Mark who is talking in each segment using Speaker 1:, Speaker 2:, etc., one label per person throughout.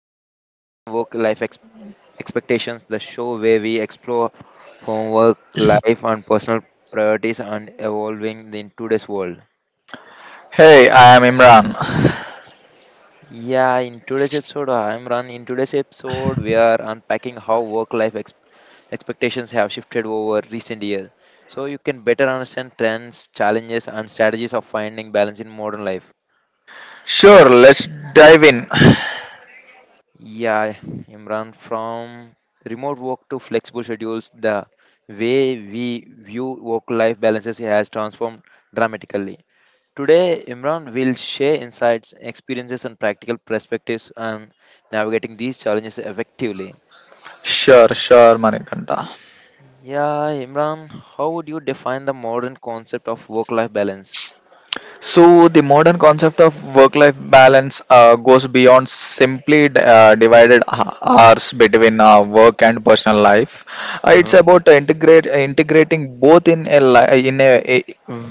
Speaker 1: to The Shift in Work Life Expectations, the show where we explore homework, life, and personal priorities and evolving in today's world.
Speaker 2: Hey, I am Imran.
Speaker 1: Yeah, in today's episode, I'm Ran. In today's episode, we are unpacking how work life expectations have shifted over recent years. So you can better understand trends, challenges, and strategies of finding balance in modern life.
Speaker 2: Sure, let's dive in.
Speaker 1: Yeah, Imran, from remote work to flexible schedules, the way we view work life balances has transformed dramatically. Today, Imran will share insights, experiences, and practical perspectives on navigating these challenges effectively.
Speaker 2: Sure, Manikanta.
Speaker 1: Yeah, Imran, how would you define the modern concept of work life balance?
Speaker 2: So the modern concept of work-life balance goes beyond simply hours between work and personal life. It's
Speaker 1: Uh-huh.
Speaker 2: about integrate integrating both in a li- in a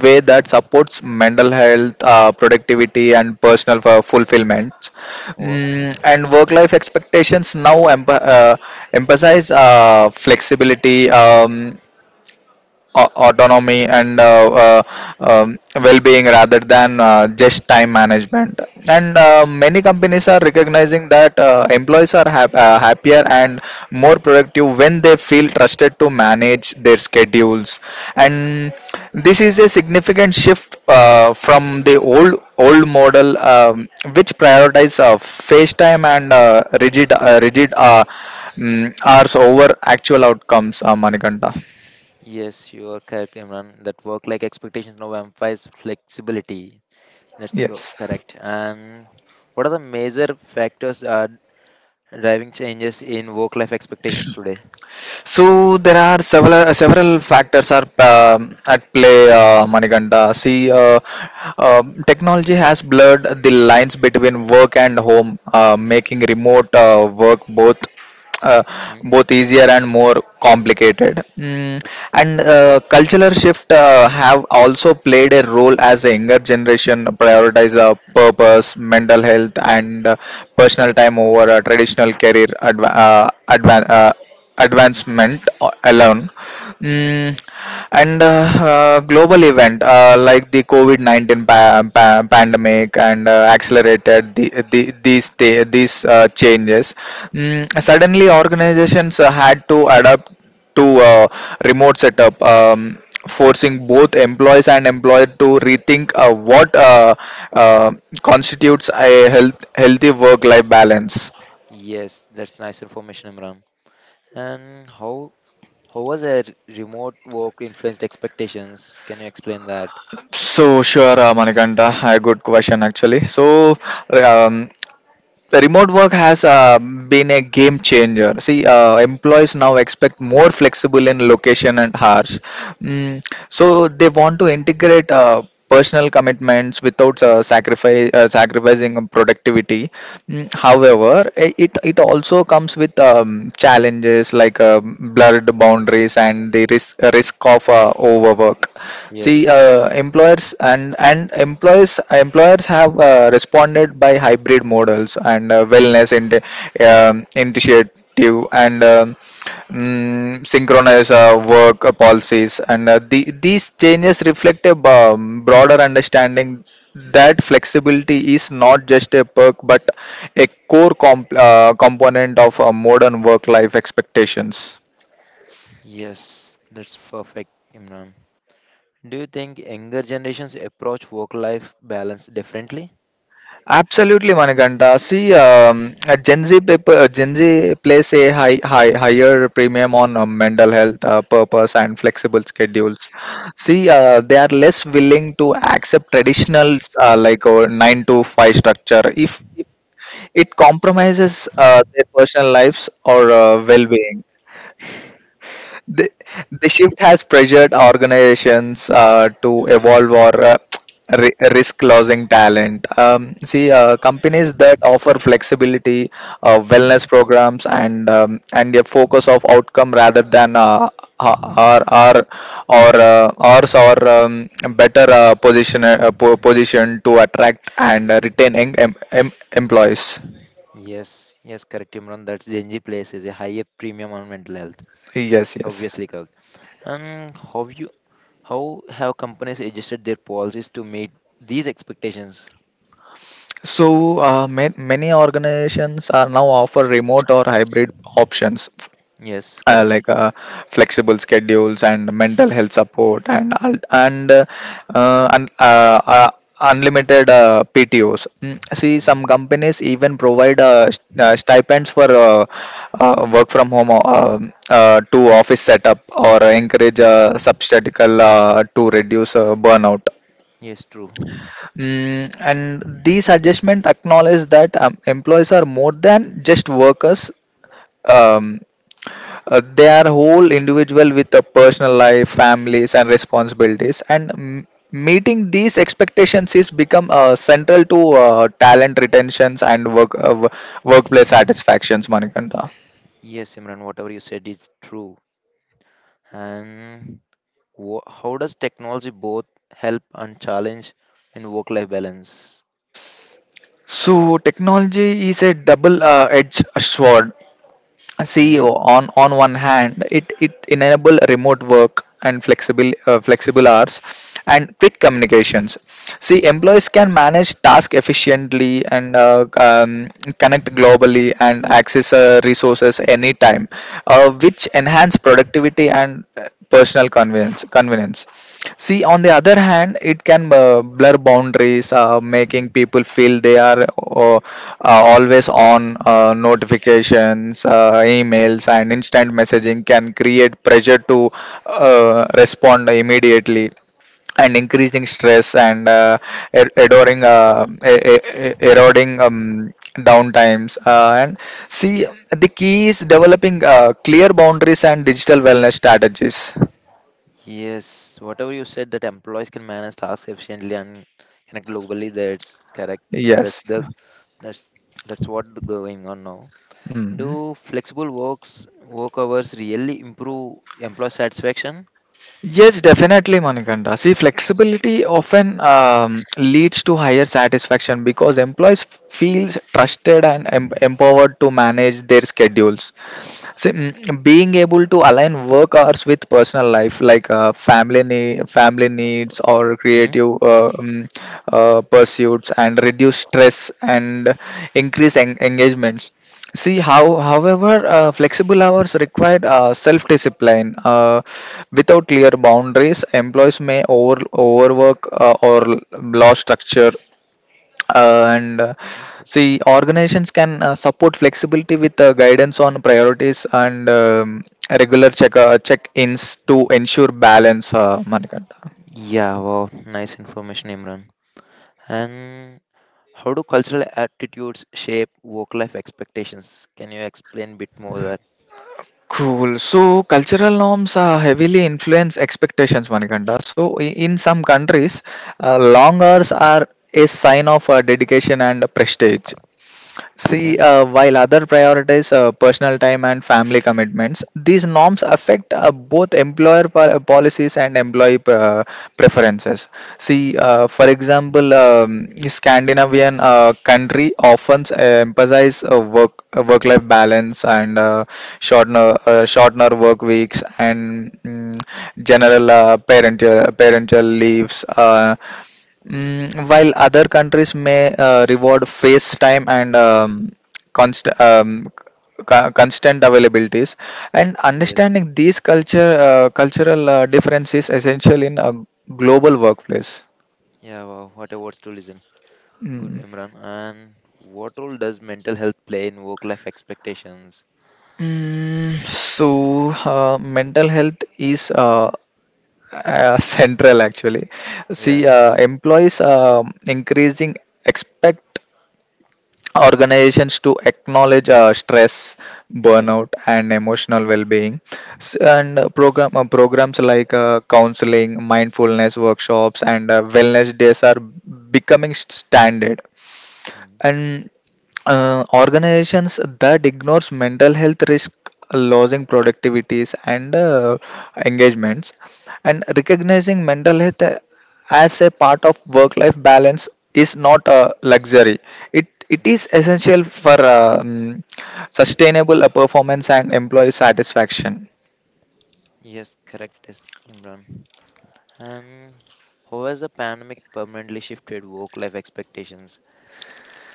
Speaker 2: way that supports mental health, productivity, and fulfillment.
Speaker 1: Well,
Speaker 2: And work-life expectations now emphasize flexibility. Autonomy and well-being rather than just time management, and many
Speaker 1: yeah.
Speaker 2: companies are recognizing that employees are happier and more productive when they feel trusted to manage their schedules, and this is a significant shift from the old model, which prioritizes face time and rigid, hours over actual outcomes, manikanta.
Speaker 1: Yes, you are correct, Imran, that work life expectations now emphasize flexibility. That's co-
Speaker 2: Yes.
Speaker 1: correct. And what are the major factors are driving changes in work-life expectations today?
Speaker 2: So there are several factors are at play, Manikanta. See,
Speaker 1: Hmm.
Speaker 2: technology has blurred the lines between work and home, making remote work both uh,
Speaker 1: Hmm.
Speaker 2: both easier and more complicated. And cultural shift have also played a role as the younger generation prioritize purpose, mental health, and personal time over traditional advancement alone.
Speaker 1: Hmm.
Speaker 2: Mm, and Global event like the COVID-19 pandemic and accelerated these changes. Suddenly, organizations had to adapt to remote setup, forcing both employees and employed to rethink what uh, constitutes a healthy work-life balance.
Speaker 1: Yes, that's nice information, Imran. And how was a remote work influenced expectations? Can you explain that?
Speaker 2: So sure, Manikanta, a good question actually. So um, remote work has been a game changer. See, employees now expect more flexible in location and hours. So they want to integrate personal commitments without
Speaker 1: Mm.
Speaker 2: sacrifice sacrificing productivity. However, it it also comes with challenges like blurred boundaries and the risk of overwork. See,
Speaker 1: Yes,
Speaker 2: employees employers and employees employers have responded by hybrid models and um, initiative, and synchronous work policies, and these changes reflect a broader understanding that flexibility is not just a perk but a component of modern work life expectations.
Speaker 1: yes, that's perfect, Imran. Do you think younger generations approach work-life balance differently?
Speaker 2: Absolutely, Manikanta. See, Gen Z place a higher premium on mental health, purpose and flexible schedules. See, they are less willing to accept traditional, like nine to five structure, if it compromises their personal lives or
Speaker 1: Mm.
Speaker 2: well-being. The, the shift has pressured organizations to evolve or risk losing talent. See, companies that offer flexibility, wellness programs, and a focus of outcome rather than or or or ours are better position to attract and retain employees.
Speaker 1: Yes, yes, correct, Imran. That's Gen Z places a higher premium on mental health.
Speaker 2: Yes, yes.
Speaker 1: Obviously, and how have companies adjusted their policies to meet these expectations?
Speaker 2: So, ma many organizations are now offer remote or hybrid options,
Speaker 1: Yes, correct.
Speaker 2: like flexible schedules and mental health support, and al- and unlimited PTOs. See,
Speaker 1: Yeah.
Speaker 2: some companies even provide stipends for work from home to office setup or encourage substatical to reduce burnout.
Speaker 1: Yes, true.
Speaker 2: And these adjustments acknowledge that employees are more than just workers. Um, they are whole individual with a personal life, families, and responsibilities. And meeting these expectations is become central to talent retentions and workplace satisfactions, Manikanta.
Speaker 1: Yes, Imran, whatever you said is true. And wha how does technology both help and challenge in work-life balance?
Speaker 2: So technology is a double-edged sword. See,
Speaker 1: Hmm.
Speaker 2: on one hand, it enable remote work and flexible flexible hours and quick communications. See,
Speaker 1: Yes.
Speaker 2: employees can manage task efficiently and connect globally and access resources anytime, which enhance productivity and personal convenience. Convenience. See, on the other hand, it can blur boundaries, make making people feel they are uh, always on. Notifications, emails, and instant messaging can create pressure to respond immediately, and increasing stress and eroding e- e- e- eroding downtimes, and see, the key is developing clear boundaries and digital wellness strategies.
Speaker 1: Yes, whatever you said that employees can manage tasks efficiently and connect globally, that's correct. That's
Speaker 2: Yes.
Speaker 1: the that's that's what going on now.
Speaker 2: Mhm.
Speaker 1: Do flexible work hours really improve employee satisfaction?
Speaker 2: Yes, definitely, Manikanda. See, flexibility often leads to higher satisfaction because employees feels trusted and empowered to manage their schedules. See, being able to align work hours with personal life, like family needs or
Speaker 1: Hmm?
Speaker 2: creative pursuits, and reduce stress and increase engagements. However, flexible hours require self-discipline. Without clear boundaries, employees may overwork or lost structure, and
Speaker 1: Yes.
Speaker 2: see, organizations can support flexibility with guidance on priorities and regular check-ins to ensure balance, Manikanta.
Speaker 1: Yeah, wow, nice information, Imran. And how do cultural attitudes shape work-life expectations? Can you explain a bit more that?
Speaker 2: Cool. So cultural norms heavily influence expectations, Manikanda. So in some countries, long hours are a sign of dedication and prestige.
Speaker 1: Okay.
Speaker 2: See, while other prioritize personal time and family commitments, these norms affect both employer policies and employee preferences. See, for example, Scandinavian country often emphasize work-life balance and shortener work weeks and general parental leaves. While other countries may reward face time and const- um, constant availabilities, and
Speaker 1: Yes.
Speaker 2: understanding these culture cultural differences is essential in a global workplace.
Speaker 1: Yeah, wow, what a words to listen. Good,
Speaker 2: Mm.
Speaker 1: Imran. And what role does mental health play in work-life expectations?
Speaker 2: Mental health is central actually. See,
Speaker 1: Yeah.
Speaker 2: employees increasing expect organizations to acknowledge stress,
Speaker 1: Okay.
Speaker 2: burnout, and emotional well-being. S- and program Programs like counseling, mindfulness workshops, and wellness days are becoming standard,
Speaker 1: Mm,
Speaker 2: and organizations that ignores mental health risk losing productivities and engagements, and recognizing mental health as a part of work life balance is not a luxury, it
Speaker 1: okay.
Speaker 2: is essential for sustainable performance and employee satisfaction.
Speaker 1: Yes, correct, yes, Imran. And how has the pandemic permanently shifted work life expectations?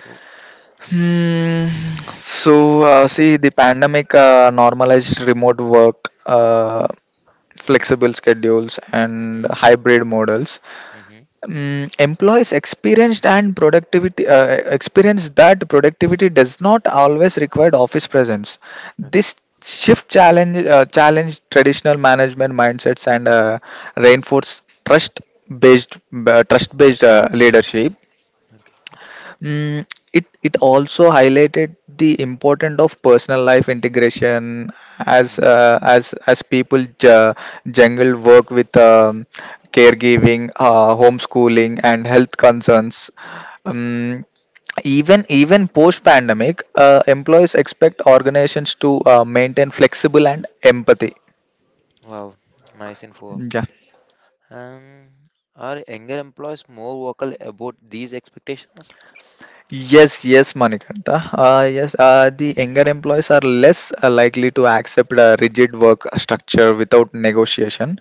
Speaker 1: Oh,
Speaker 2: Hmm. So, see, the pandemic normalized remote work, flexible schedules, and
Speaker 1: mm,
Speaker 2: hybrid models.
Speaker 1: hmm, mm-hmm.
Speaker 2: Mm, employees experienced and productivity Experience that productivity does not always require office presence.
Speaker 1: Okay,
Speaker 2: This shift challenge challenge traditional management mindsets and reinforce trust based trust based leadership.
Speaker 1: okay.
Speaker 2: Mm, it also highlighted the importance of personal life integration as
Speaker 1: Mm.
Speaker 2: as people jungle work with caregiving, homeschooling, and health concerns. Um, even post pandemic, employees expect organizations to maintain flexible and empathy.
Speaker 1: Wow, nice info.
Speaker 2: Yeah.
Speaker 1: And are younger employees more vocal about these expectations?
Speaker 2: Yes, yes, Manikanta. Yes, the younger employees are less likely to accept a rigid work structure without negotiation.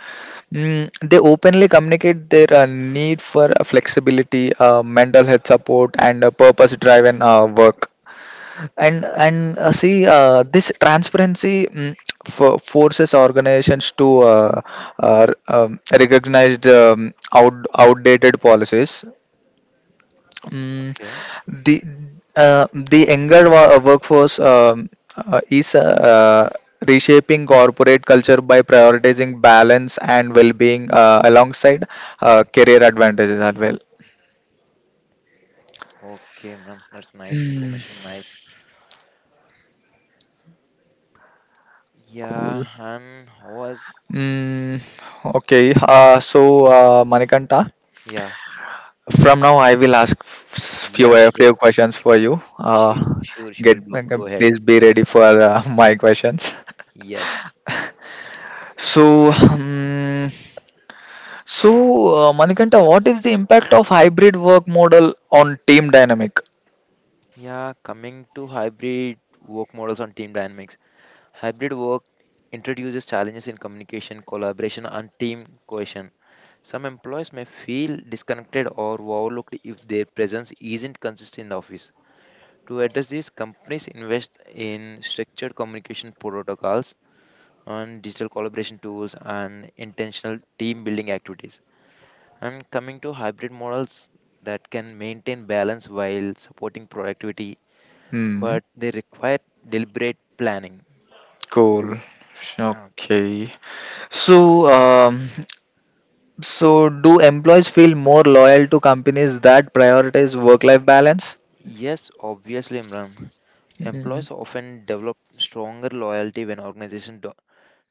Speaker 2: They openly communicate their need for flexibility, mental health support, and purpose-driven work. And See, this transparency forces organizations to recognize the outdated policies. Mm,
Speaker 1: Okay,
Speaker 2: the the younger workforce is reshaping corporate culture by prioritizing balance and well-being alongside career advantages as well.
Speaker 1: okay, man. That's nice
Speaker 2: Hmm,
Speaker 1: information. Nice.
Speaker 2: cool.
Speaker 1: Yeah, and how has
Speaker 2: Mm, okay, so, Manikanta,
Speaker 1: yeah,
Speaker 2: from now I will ask
Speaker 1: yeah, sure,
Speaker 2: few questions for you.
Speaker 1: sure, sure,
Speaker 2: Get
Speaker 1: sure. Bro, go ahead.
Speaker 2: Please be ready for my questions.
Speaker 1: Yes.
Speaker 2: So. hmm, So, Manikanta, what is the impact of hybrid work model on team dynamic?
Speaker 1: Yeah, coming to hybrid work models on team dynamics. Hybrid work introduces challenges in communication, collaboration, and team cohesion. Some employees may feel disconnected or overlooked if their presence isn't consistent in the office. To address this, companies invest in structured communication protocols and digital collaboration tools and intentional team building activities. And coming to hybrid models that can maintain balance while supporting productivity,
Speaker 2: Hmm.
Speaker 1: but they require deliberate planning.
Speaker 2: Cool.
Speaker 1: Yeah.
Speaker 2: Okay. So, so do employees feel more loyal to companies that prioritize work-life balance?
Speaker 1: Yes, obviously, Imran.
Speaker 2: Mm.
Speaker 1: Employees often develop stronger loyalty when organizations do-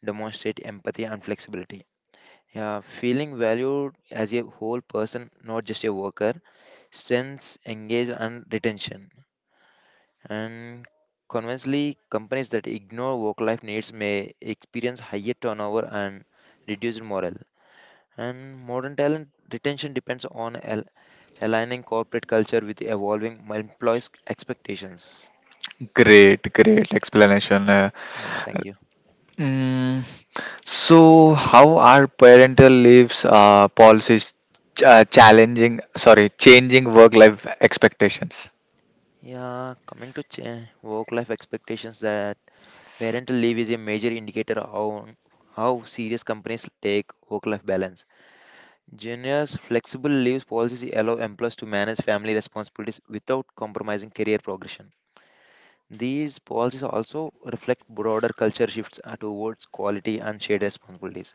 Speaker 1: demonstrate empathy and flexibility. Yeah, feeling valued as a whole person, not just a worker, strengths, engage, and retention. And conversely, companies that ignore work-life needs may experience higher turnover and reduced morale. And modern talent retention depends on aligning corporate culture with evolving employees' expectations.
Speaker 2: Great explanation.
Speaker 1: Yeah, thank you.
Speaker 2: Mm. So, how are parental leaves policies changing work-life expectations?
Speaker 1: Yeah, coming to work-life expectations, that parental leave is a major indicator of how serious companies take work-life balance. Junior's flexible leave policies allow employees to manage family responsibilities without compromising career progression. These policies also reflect broader culture shifts towards quality and shared responsibilities.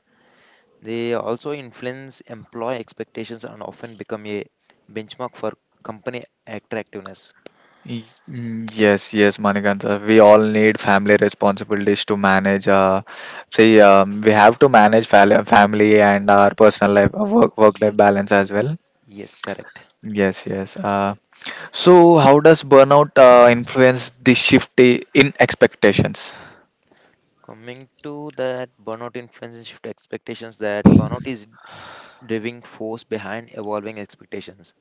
Speaker 1: They also influence employee expectations and often become a benchmark for company attractiveness.
Speaker 2: Yes, yes, Manikantha. We all need family responsibilities to manage. See, we have to manage family and our personal life, work life
Speaker 1: Yes,
Speaker 2: balance as well.
Speaker 1: yes, correct.
Speaker 2: Yes, yes. So, how does burnout influence the shift in expectations?
Speaker 1: Coming to that burnout influence and shift expectations, that burnout is driving force behind evolving expectations.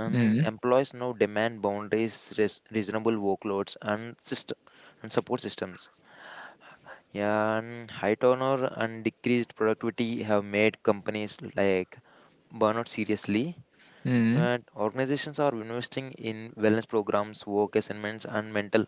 Speaker 2: Mm,
Speaker 1: Employees now demand boundaries, reasonable workloads, and system and support systems. Yeah, and high turnover and decreased productivity have made companies like burnout seriously.
Speaker 2: mm.
Speaker 1: But organizations are investing in wellness programs, work assignments, and mental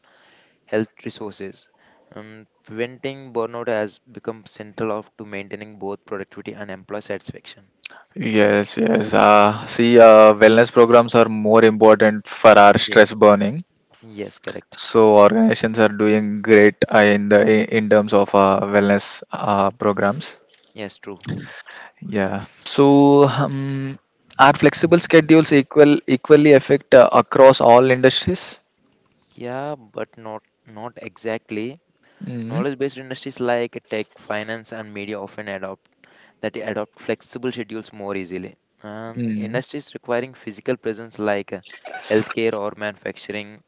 Speaker 1: health resources. Preventing burnout has become central of, to maintaining both productivity and employee satisfaction.
Speaker 2: Yes, yes. See, wellness programs are more important for our stress
Speaker 1: Yes,
Speaker 2: burning.
Speaker 1: yes, correct.
Speaker 2: So organizations are doing great in the in terms of wellness programs.
Speaker 1: Yes, true.
Speaker 2: Yeah. So, are flexible schedules equally affect across all industries?
Speaker 1: Yeah, but not exactly.
Speaker 2: Mm,
Speaker 1: Knowledge-based industries like tech, finance, and media often adopt flexible schedules more easily.
Speaker 2: mm,
Speaker 1: Industries requiring physical presence like healthcare or manufacturing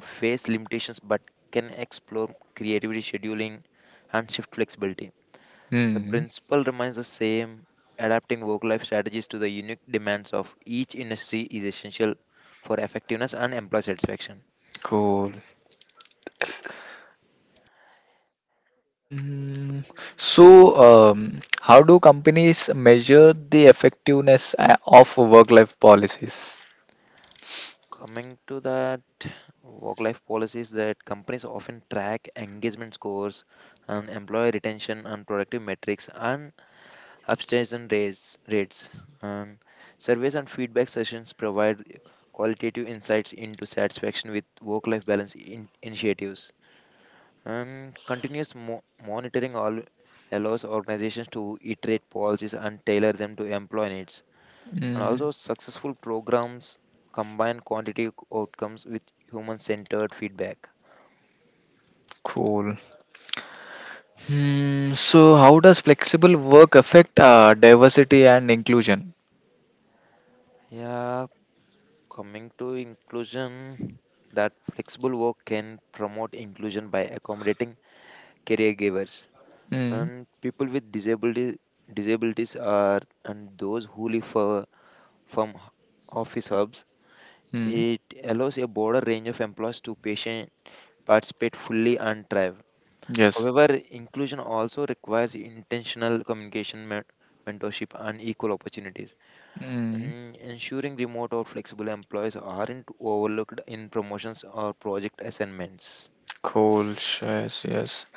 Speaker 1: face limitations but can explore creativity, scheduling, and shift flexibility. The
Speaker 2: mm.
Speaker 1: principle remains the same. Adapting work life strategies to the unique demands of each industry is essential for effectiveness and employee satisfaction.
Speaker 2: Cool. Mm. So how do companies measure the effectiveness of work-life policies?
Speaker 1: Coming to that, work life policies that companies often track engagement scores and employee retention and productive metrics and abstention rates. And surveys and feedback sessions provide qualitative insights into satisfaction with work life balance initiatives. And continuous monitoring all allows organizations to iterate policies and tailor them to employee needs. And
Speaker 2: Mm,
Speaker 1: also, successful programs combine quantitative outcomes with human centered feedback.
Speaker 2: cool. Hmm. So, how does flexible work affect diversity and inclusion?
Speaker 1: Yeah, coming to inclusion, that flexible work can promote inclusion by accommodating caregivers
Speaker 2: Hmm.
Speaker 1: and people with disability disabilities are and those who live far from office hubs.
Speaker 2: Hmm.
Speaker 1: It allows a broader range of employees to patient participate fully and thrive.
Speaker 2: Yes.
Speaker 1: However, inclusion also requires intentional communication, mentorship, and equal opportunities.
Speaker 2: Hmm.
Speaker 1: Mm, ensuring remote or flexible employees aren't overlooked in promotions or project assignments.
Speaker 2: Cool. Yes. Yes.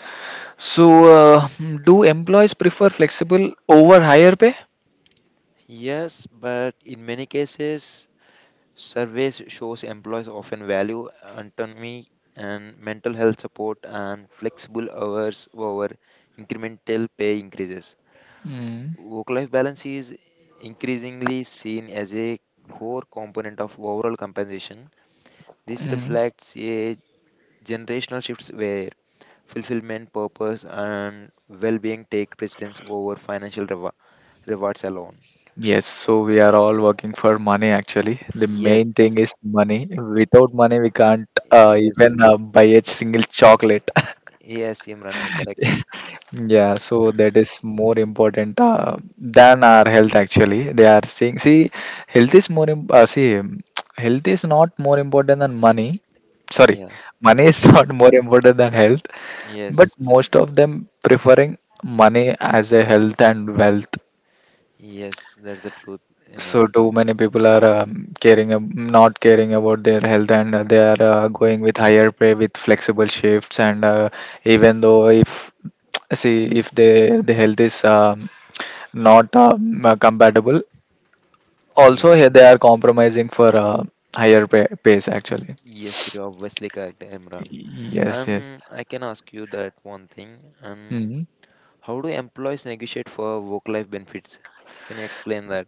Speaker 2: So, do employees prefer flexible over higher pay?
Speaker 1: Yes, but in many cases, surveys shows employees often value autonomy and mental health support and flexible hours over incremental pay increases.
Speaker 2: Hmm.
Speaker 1: Work life balance is increasingly seen as a core component of overall compensation. This
Speaker 2: Hmm.
Speaker 1: reflects a generational shift where fulfillment, purpose, and well being take precedence over financial rewards alone.
Speaker 2: Yes. So we are all working for money. Actually, the main thing
Speaker 1: Yes,
Speaker 2: is money. Without money, we can't
Speaker 1: yes,
Speaker 2: even buy a single chocolate.
Speaker 1: yes, Imran, you're correct. Mm.
Speaker 2: Yeah, so that is more important than our health actually. They are saying, see, health is more, im- see, health is not more important than money. Sorry,
Speaker 1: Yeah.
Speaker 2: money is
Speaker 1: Huh?
Speaker 2: not more important than health, but
Speaker 1: Yes,
Speaker 2: most of them preferring money as a health and wealth.
Speaker 1: yes, that's the truth, Imran.
Speaker 2: So too many people are caring not caring about their health and they are going with higher pay with flexible shifts and even though if see if the health is not compatible. Also
Speaker 1: Yeah,
Speaker 2: here they are compromising for higher pays actually.
Speaker 1: yes, you're obviously correct, Imran.
Speaker 2: Yes, yes.
Speaker 1: I can ask you that one thing.
Speaker 2: Hmm.
Speaker 1: How do employees negotiate for work-life benefits? Can you explain that?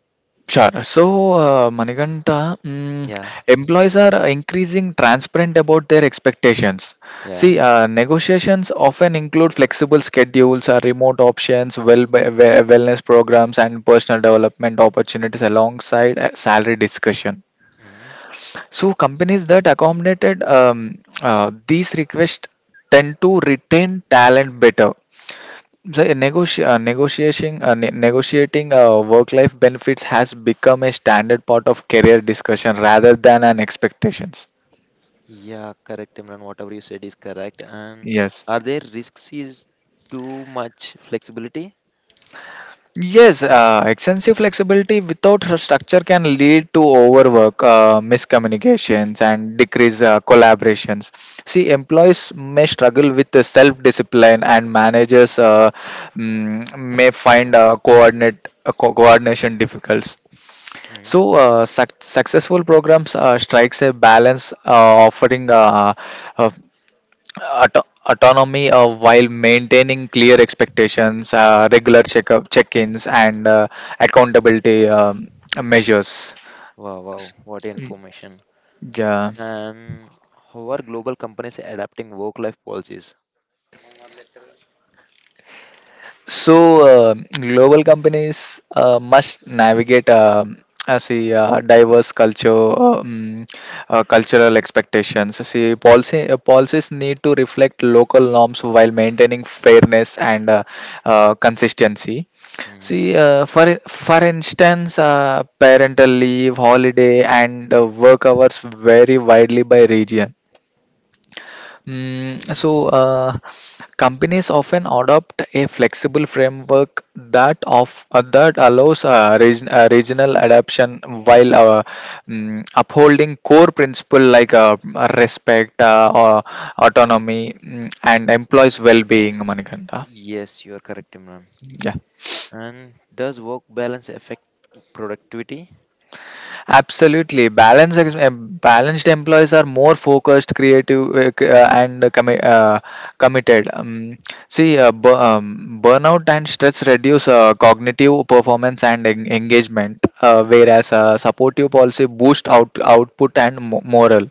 Speaker 2: Sure. So, Manikanta,
Speaker 1: Yeah,
Speaker 2: employees are increasing transparent about their expectations.
Speaker 1: yeah.
Speaker 2: See, negotiations often include flexible schedules, remote options, wellness programs, and personal development opportunities alongside salary discussion.
Speaker 1: Hmm.
Speaker 2: So, companies that accommodated these requests tend to retain talent better. So, negotiating work-life benefits has become a standard part of career discussion rather than an expectations.
Speaker 1: Yeah, correct, Imran. Whatever you said is correct. And
Speaker 2: Yes.
Speaker 1: are there risks is too much flexibility?
Speaker 2: Yes, extensive flexibility without her structure can lead to overwork, miscommunications, and decrease collaborations. See, employees may struggle with the self-discipline, and managers may find coordination difficult.
Speaker 1: Hmm.
Speaker 2: So, successful programs strikes a balance offering uh, autonomy while maintaining clear expectations, regular checkup check-ins, and accountability measures.
Speaker 1: Wow, wow, what information.
Speaker 2: Yeah.
Speaker 1: And how are global companies adapting work-life policies?
Speaker 2: So, global companies must navigate see diverse cultural expectations. See, policy policies need to reflect local norms while maintaining fairness and consistency.
Speaker 1: Hmm.
Speaker 2: See, for instance, parental leave, holiday, and work hours vary widely by region. So,
Speaker 1: Hmm.
Speaker 2: companies often adopt a flexible framework that allows regional adaptation while upholding core principle like respect, autonomy, and employees' well-being. Manikanta,
Speaker 1: Yes, you are correct, Imran.
Speaker 2: yeah.
Speaker 1: And does work balance affect productivity?
Speaker 2: Absolutely, balanced employees are more focused, creative, and committed. See, burnout and stress reduce cognitive performance and engagement, whereas supportive policy boost output and morale.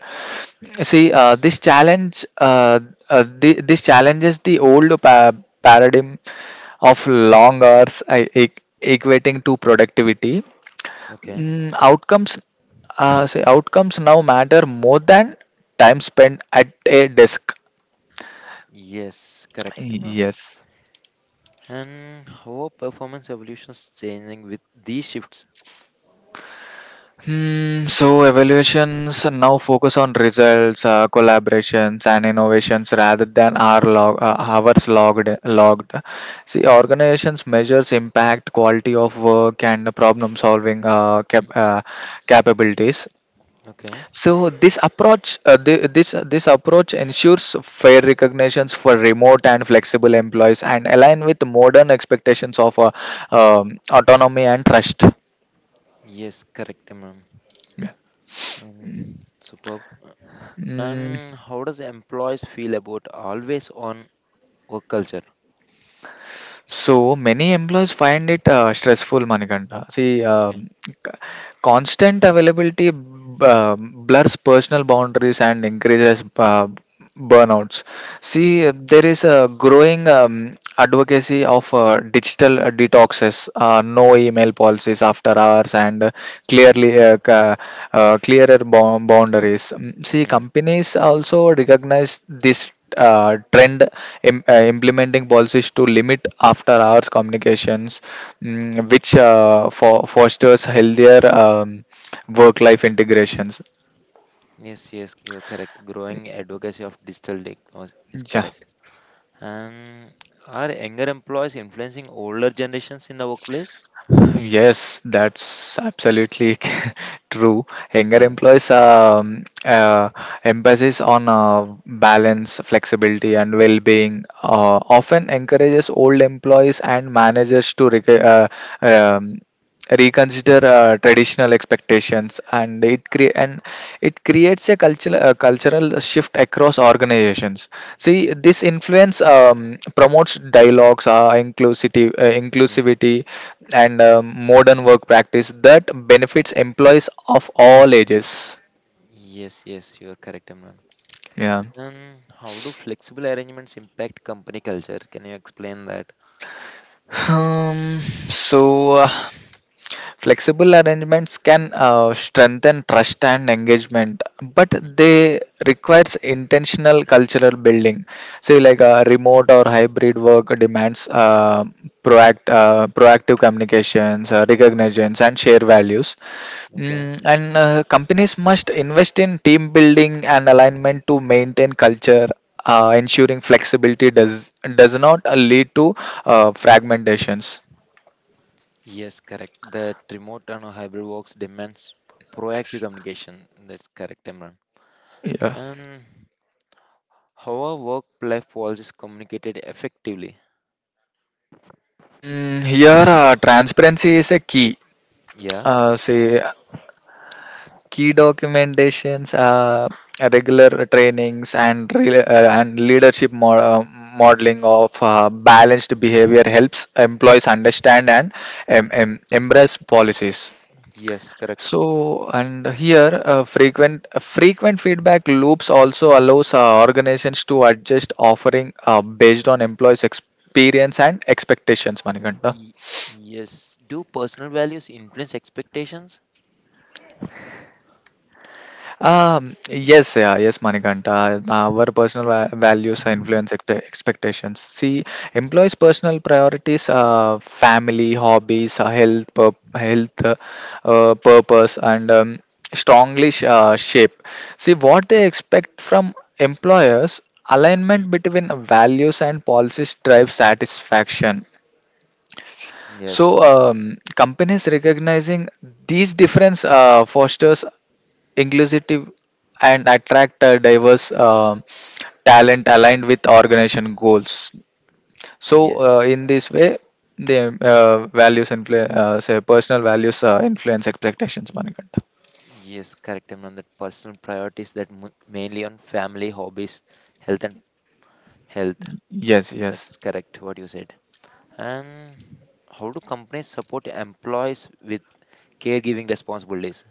Speaker 2: See, this challenges the old paradigm of long hours, equating to productivity.
Speaker 1: Okay.
Speaker 2: Mm, outcomes, say outcomes now matter more than time spent at a desk.
Speaker 1: Yes, correct, Imran.
Speaker 2: Yes.
Speaker 1: And how performance evolution is changing with these shifts?
Speaker 2: Hmm, so evaluations now focus on results, collaborations, and innovations rather than hours logged. Logged. See, organizations measures impact, quality of work, and problem solving
Speaker 1: Mm.
Speaker 2: capabilities.
Speaker 1: Okay.
Speaker 2: So this approach ensures fair recognitions for remote and flexible employees and align with modern expectations of autonomy and trust.
Speaker 1: Yes, correct, ma'am. Superb.
Speaker 2: Mm.
Speaker 1: And how does employees feel about always on work culture?
Speaker 2: So many employees find it stressful, Manikanta. See,
Speaker 1: Okay.
Speaker 2: constant availability blurs personal boundaries and increases burnouts.
Speaker 1: Mm.
Speaker 2: See, there is a growing advocacy of digital detoxes, no email policies after hours, and clearly uh, ca- clearer boundaries. Mm. See,
Speaker 1: Mm.
Speaker 2: companies also recognize this trend, implementing policies to limit after hours communications, which for fosters healthier work life integrations.
Speaker 1: Yes, yes, you're correct. Growing advocacy of digital technology is
Speaker 2: Yeah.
Speaker 1: correct. And are younger employees influencing older generations in the workplace?
Speaker 2: Yes, that's absolutely true. Younger
Speaker 1: Yeah.
Speaker 2: employees emphasis on balance flexibility and well-being often encourages old employees and managers to um, reconsider traditional expectations, and it creates a cultural shift across organizations. See, this influence promotes dialogues,
Speaker 1: Mm.
Speaker 2: inclusivity and modern work practice that benefits employees of all ages.
Speaker 1: Yes, yes, you're correct, ma'am.
Speaker 2: Yeah.
Speaker 1: And how do flexible arrangements impact company culture? Can you explain that?
Speaker 2: Um, so, uh, flexible arrangements can strengthen trust and engagement, but
Speaker 1: Mhm.
Speaker 2: they requires intentional cultural building. Say, like remote or hybrid work demands proactive communications, recognitions, and share values.
Speaker 1: Okay.
Speaker 2: Mm, and companies must invest in team building and alignment to maintain culture, ensuring flexibility does not lead to fragmentations.
Speaker 1: Yes, correct. That remote and hybrid works demands proactive communication. That's correct, Imran.
Speaker 2: Yeah.
Speaker 1: And how are work-life policies communicated effectively?
Speaker 2: Mm, here, transparency is a key.
Speaker 1: Yeah.
Speaker 2: Say Key documentations, regular trainings, and leadership modeling of balanced behavior helps employees understand and embrace policies.
Speaker 1: Yes, correct.
Speaker 2: So, and here, frequent feedback loops also allows organizations to adjust offering based on employees' experience and expectations, Manikanta.
Speaker 1: Y- yes. Do personal values influence expectations?
Speaker 2: Yes, yeah, yes, Manikanta. Our personal values influence expectations. See, employees' personal priorities, family, hobbies, health, purpose, and strongly shape. See, what
Speaker 1: No.
Speaker 2: they expect from employers,
Speaker 1: Mm.
Speaker 2: alignment between values and policies drive satisfaction.
Speaker 1: Yes.
Speaker 2: So companies recognizing these difference fosters inclusive and attract diverse talent aligned with organization goals. So
Speaker 1: Yes.
Speaker 2: in this way, the values and say personal values influence expectations. Manikanta.
Speaker 1: Yes, correct, Imran. That personal priorities that mainly on family, hobbies, health and health.
Speaker 2: Yes,
Speaker 1: That
Speaker 2: yes.
Speaker 1: is correct what you said. And how do companies support employees with caregiving responsibilities?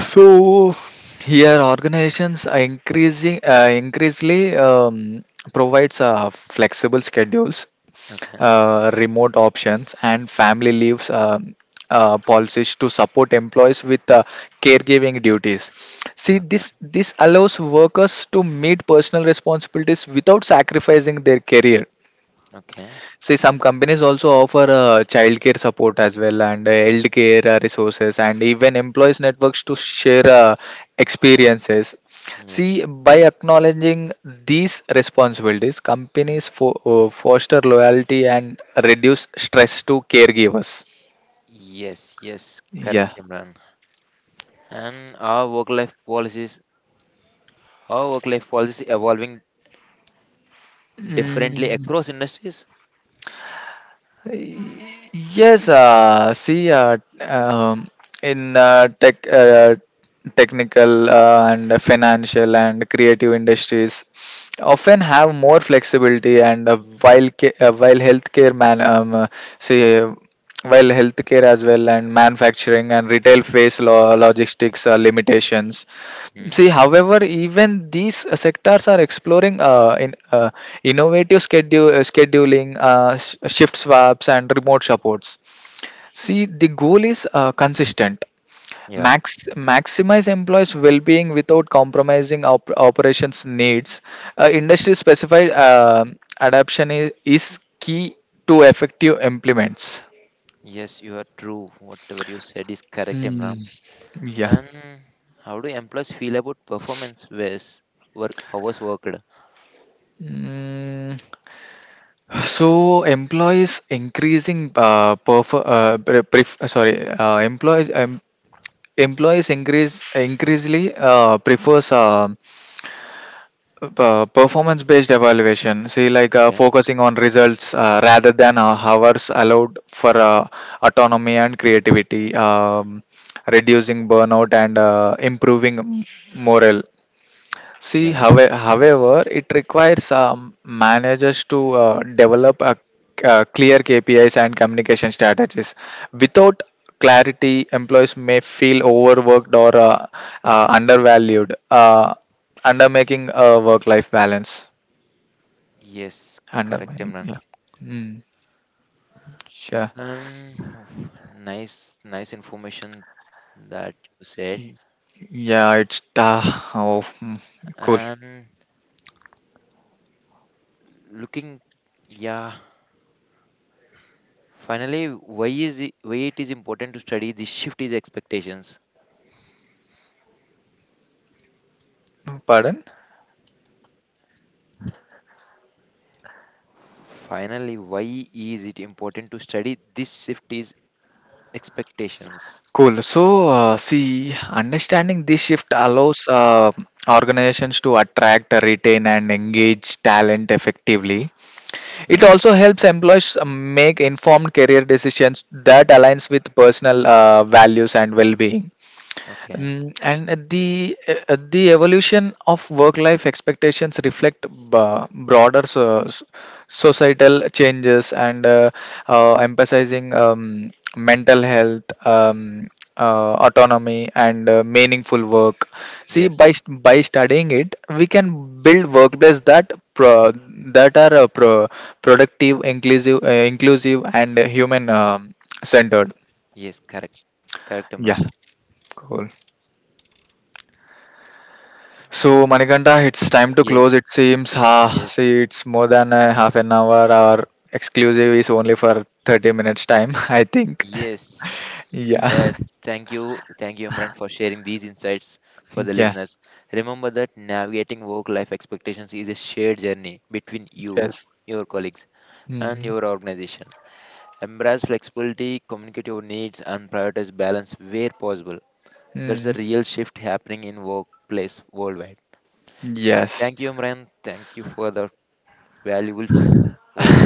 Speaker 2: So here organizations are increasingly provides flexible schedules,
Speaker 1: Okay,
Speaker 2: remote options, and family leaves policies to support employees with caregiving duties. See,
Speaker 1: okay,
Speaker 2: this allows workers to meet personal responsibilities without sacrificing their career.
Speaker 1: okay.
Speaker 2: See, some companies also offer childcare support as well and health care resources and even employees networks to share experiences.
Speaker 1: Yes.
Speaker 2: See, by acknowledging these responsibilities,
Speaker 1: Mm.
Speaker 2: companies foster loyalty and reduce stress to caregivers.
Speaker 1: Yes, yes, correct,
Speaker 2: Yeah.
Speaker 1: Imran. And our work life policies evolving differently
Speaker 2: Mm.
Speaker 1: across industries?
Speaker 2: Yes, see, in tech, technical and financial and creative industries, often have more flexibility and while say healthcare as well, and manufacturing and retail face logistics limitations.
Speaker 1: Hmm.
Speaker 2: See, however, even these sectors are exploring in innovative schedule scheduling, shift swaps, and remote supports. See, the goal is consistent.
Speaker 1: Yeah.
Speaker 2: Maximize employees' well-being without compromising operations needs. Industry-specified adaptation is key to effective implements.
Speaker 1: Yes, you are true. Whatever you said is correct, Imran.
Speaker 2: Mm, yeah.
Speaker 1: And how do employees feel about performance based work hours worked?
Speaker 2: Mm, so employees increasing perf- pre- pref- sorry employees employees increase increasingly prefers performance based evaluation. See, like
Speaker 1: Okay.
Speaker 2: focusing on results rather than hours allowed for autonomy and creativity, reducing burnout and improving morale. See,
Speaker 1: Yeah.
Speaker 2: however, it requires managers to develop clear KPIs and communication strategies. Without clarity, employees may feel overworked or undervalued, undermaking a work-life balance.
Speaker 1: Yes, correct,
Speaker 2: Undermining, yeah.
Speaker 1: Imran.
Speaker 2: Mm, sure.
Speaker 1: Um, Nice, nice information that you said.
Speaker 2: Y- Yeah, it's oh, mm, cool.
Speaker 1: And looking, yeah, finally, why it is important to study this shift is expectations.
Speaker 2: Pardon?
Speaker 1: Finally, why is it important to study this shift is expectations?
Speaker 2: Cool. So, see, understanding this shift allows organizations to attract, retain, and engage talent effectively. It
Speaker 1: Uh-huh.
Speaker 2: also helps employees make informed career decisions that aligns with personal values and well-being.
Speaker 1: Okay.
Speaker 2: Mm, and at the evolution of work life expectations reflect broader societal changes and emphasizing mental health, autonomy and meaningful work. See,
Speaker 1: Yes.
Speaker 2: by studying it we can build workplaces that are productive, inclusive, and human, centered.
Speaker 1: Yes. Correct. Correct,
Speaker 2: Yeah.
Speaker 1: Imran.
Speaker 2: Cool. So, Manikanta, it's time to
Speaker 1: Yes.
Speaker 2: close. It seems, ha,
Speaker 1: Yes.
Speaker 2: see, it's more than a half an hour. Our exclusive is only for 30 minutes time, I think.
Speaker 1: Yes,
Speaker 2: Yeah,
Speaker 1: that's thank you, Imran, for sharing these insights for the
Speaker 2: yeah.
Speaker 1: listeners. Remember that navigating work-life expectations is a shared journey between you,
Speaker 2: Yes.
Speaker 1: your colleagues, and
Speaker 2: Hmm.
Speaker 1: your organization. Embrace flexibility, communicate your needs, and prioritize balance where possible. That's a
Speaker 2: Mm.
Speaker 1: real shift happening in workplace worldwide. Yeah,
Speaker 2: Yes.
Speaker 1: thank you, Imran. Thank you for the valuable words.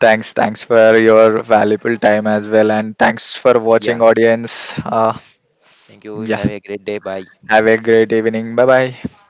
Speaker 2: Thanks, thanks for your valuable time as well, and thanks for
Speaker 1: Yeah,
Speaker 2: watching, audience.
Speaker 1: thank you.
Speaker 2: Yeah,
Speaker 1: Have a great day. Bye.
Speaker 2: have a great evening. Bye bye.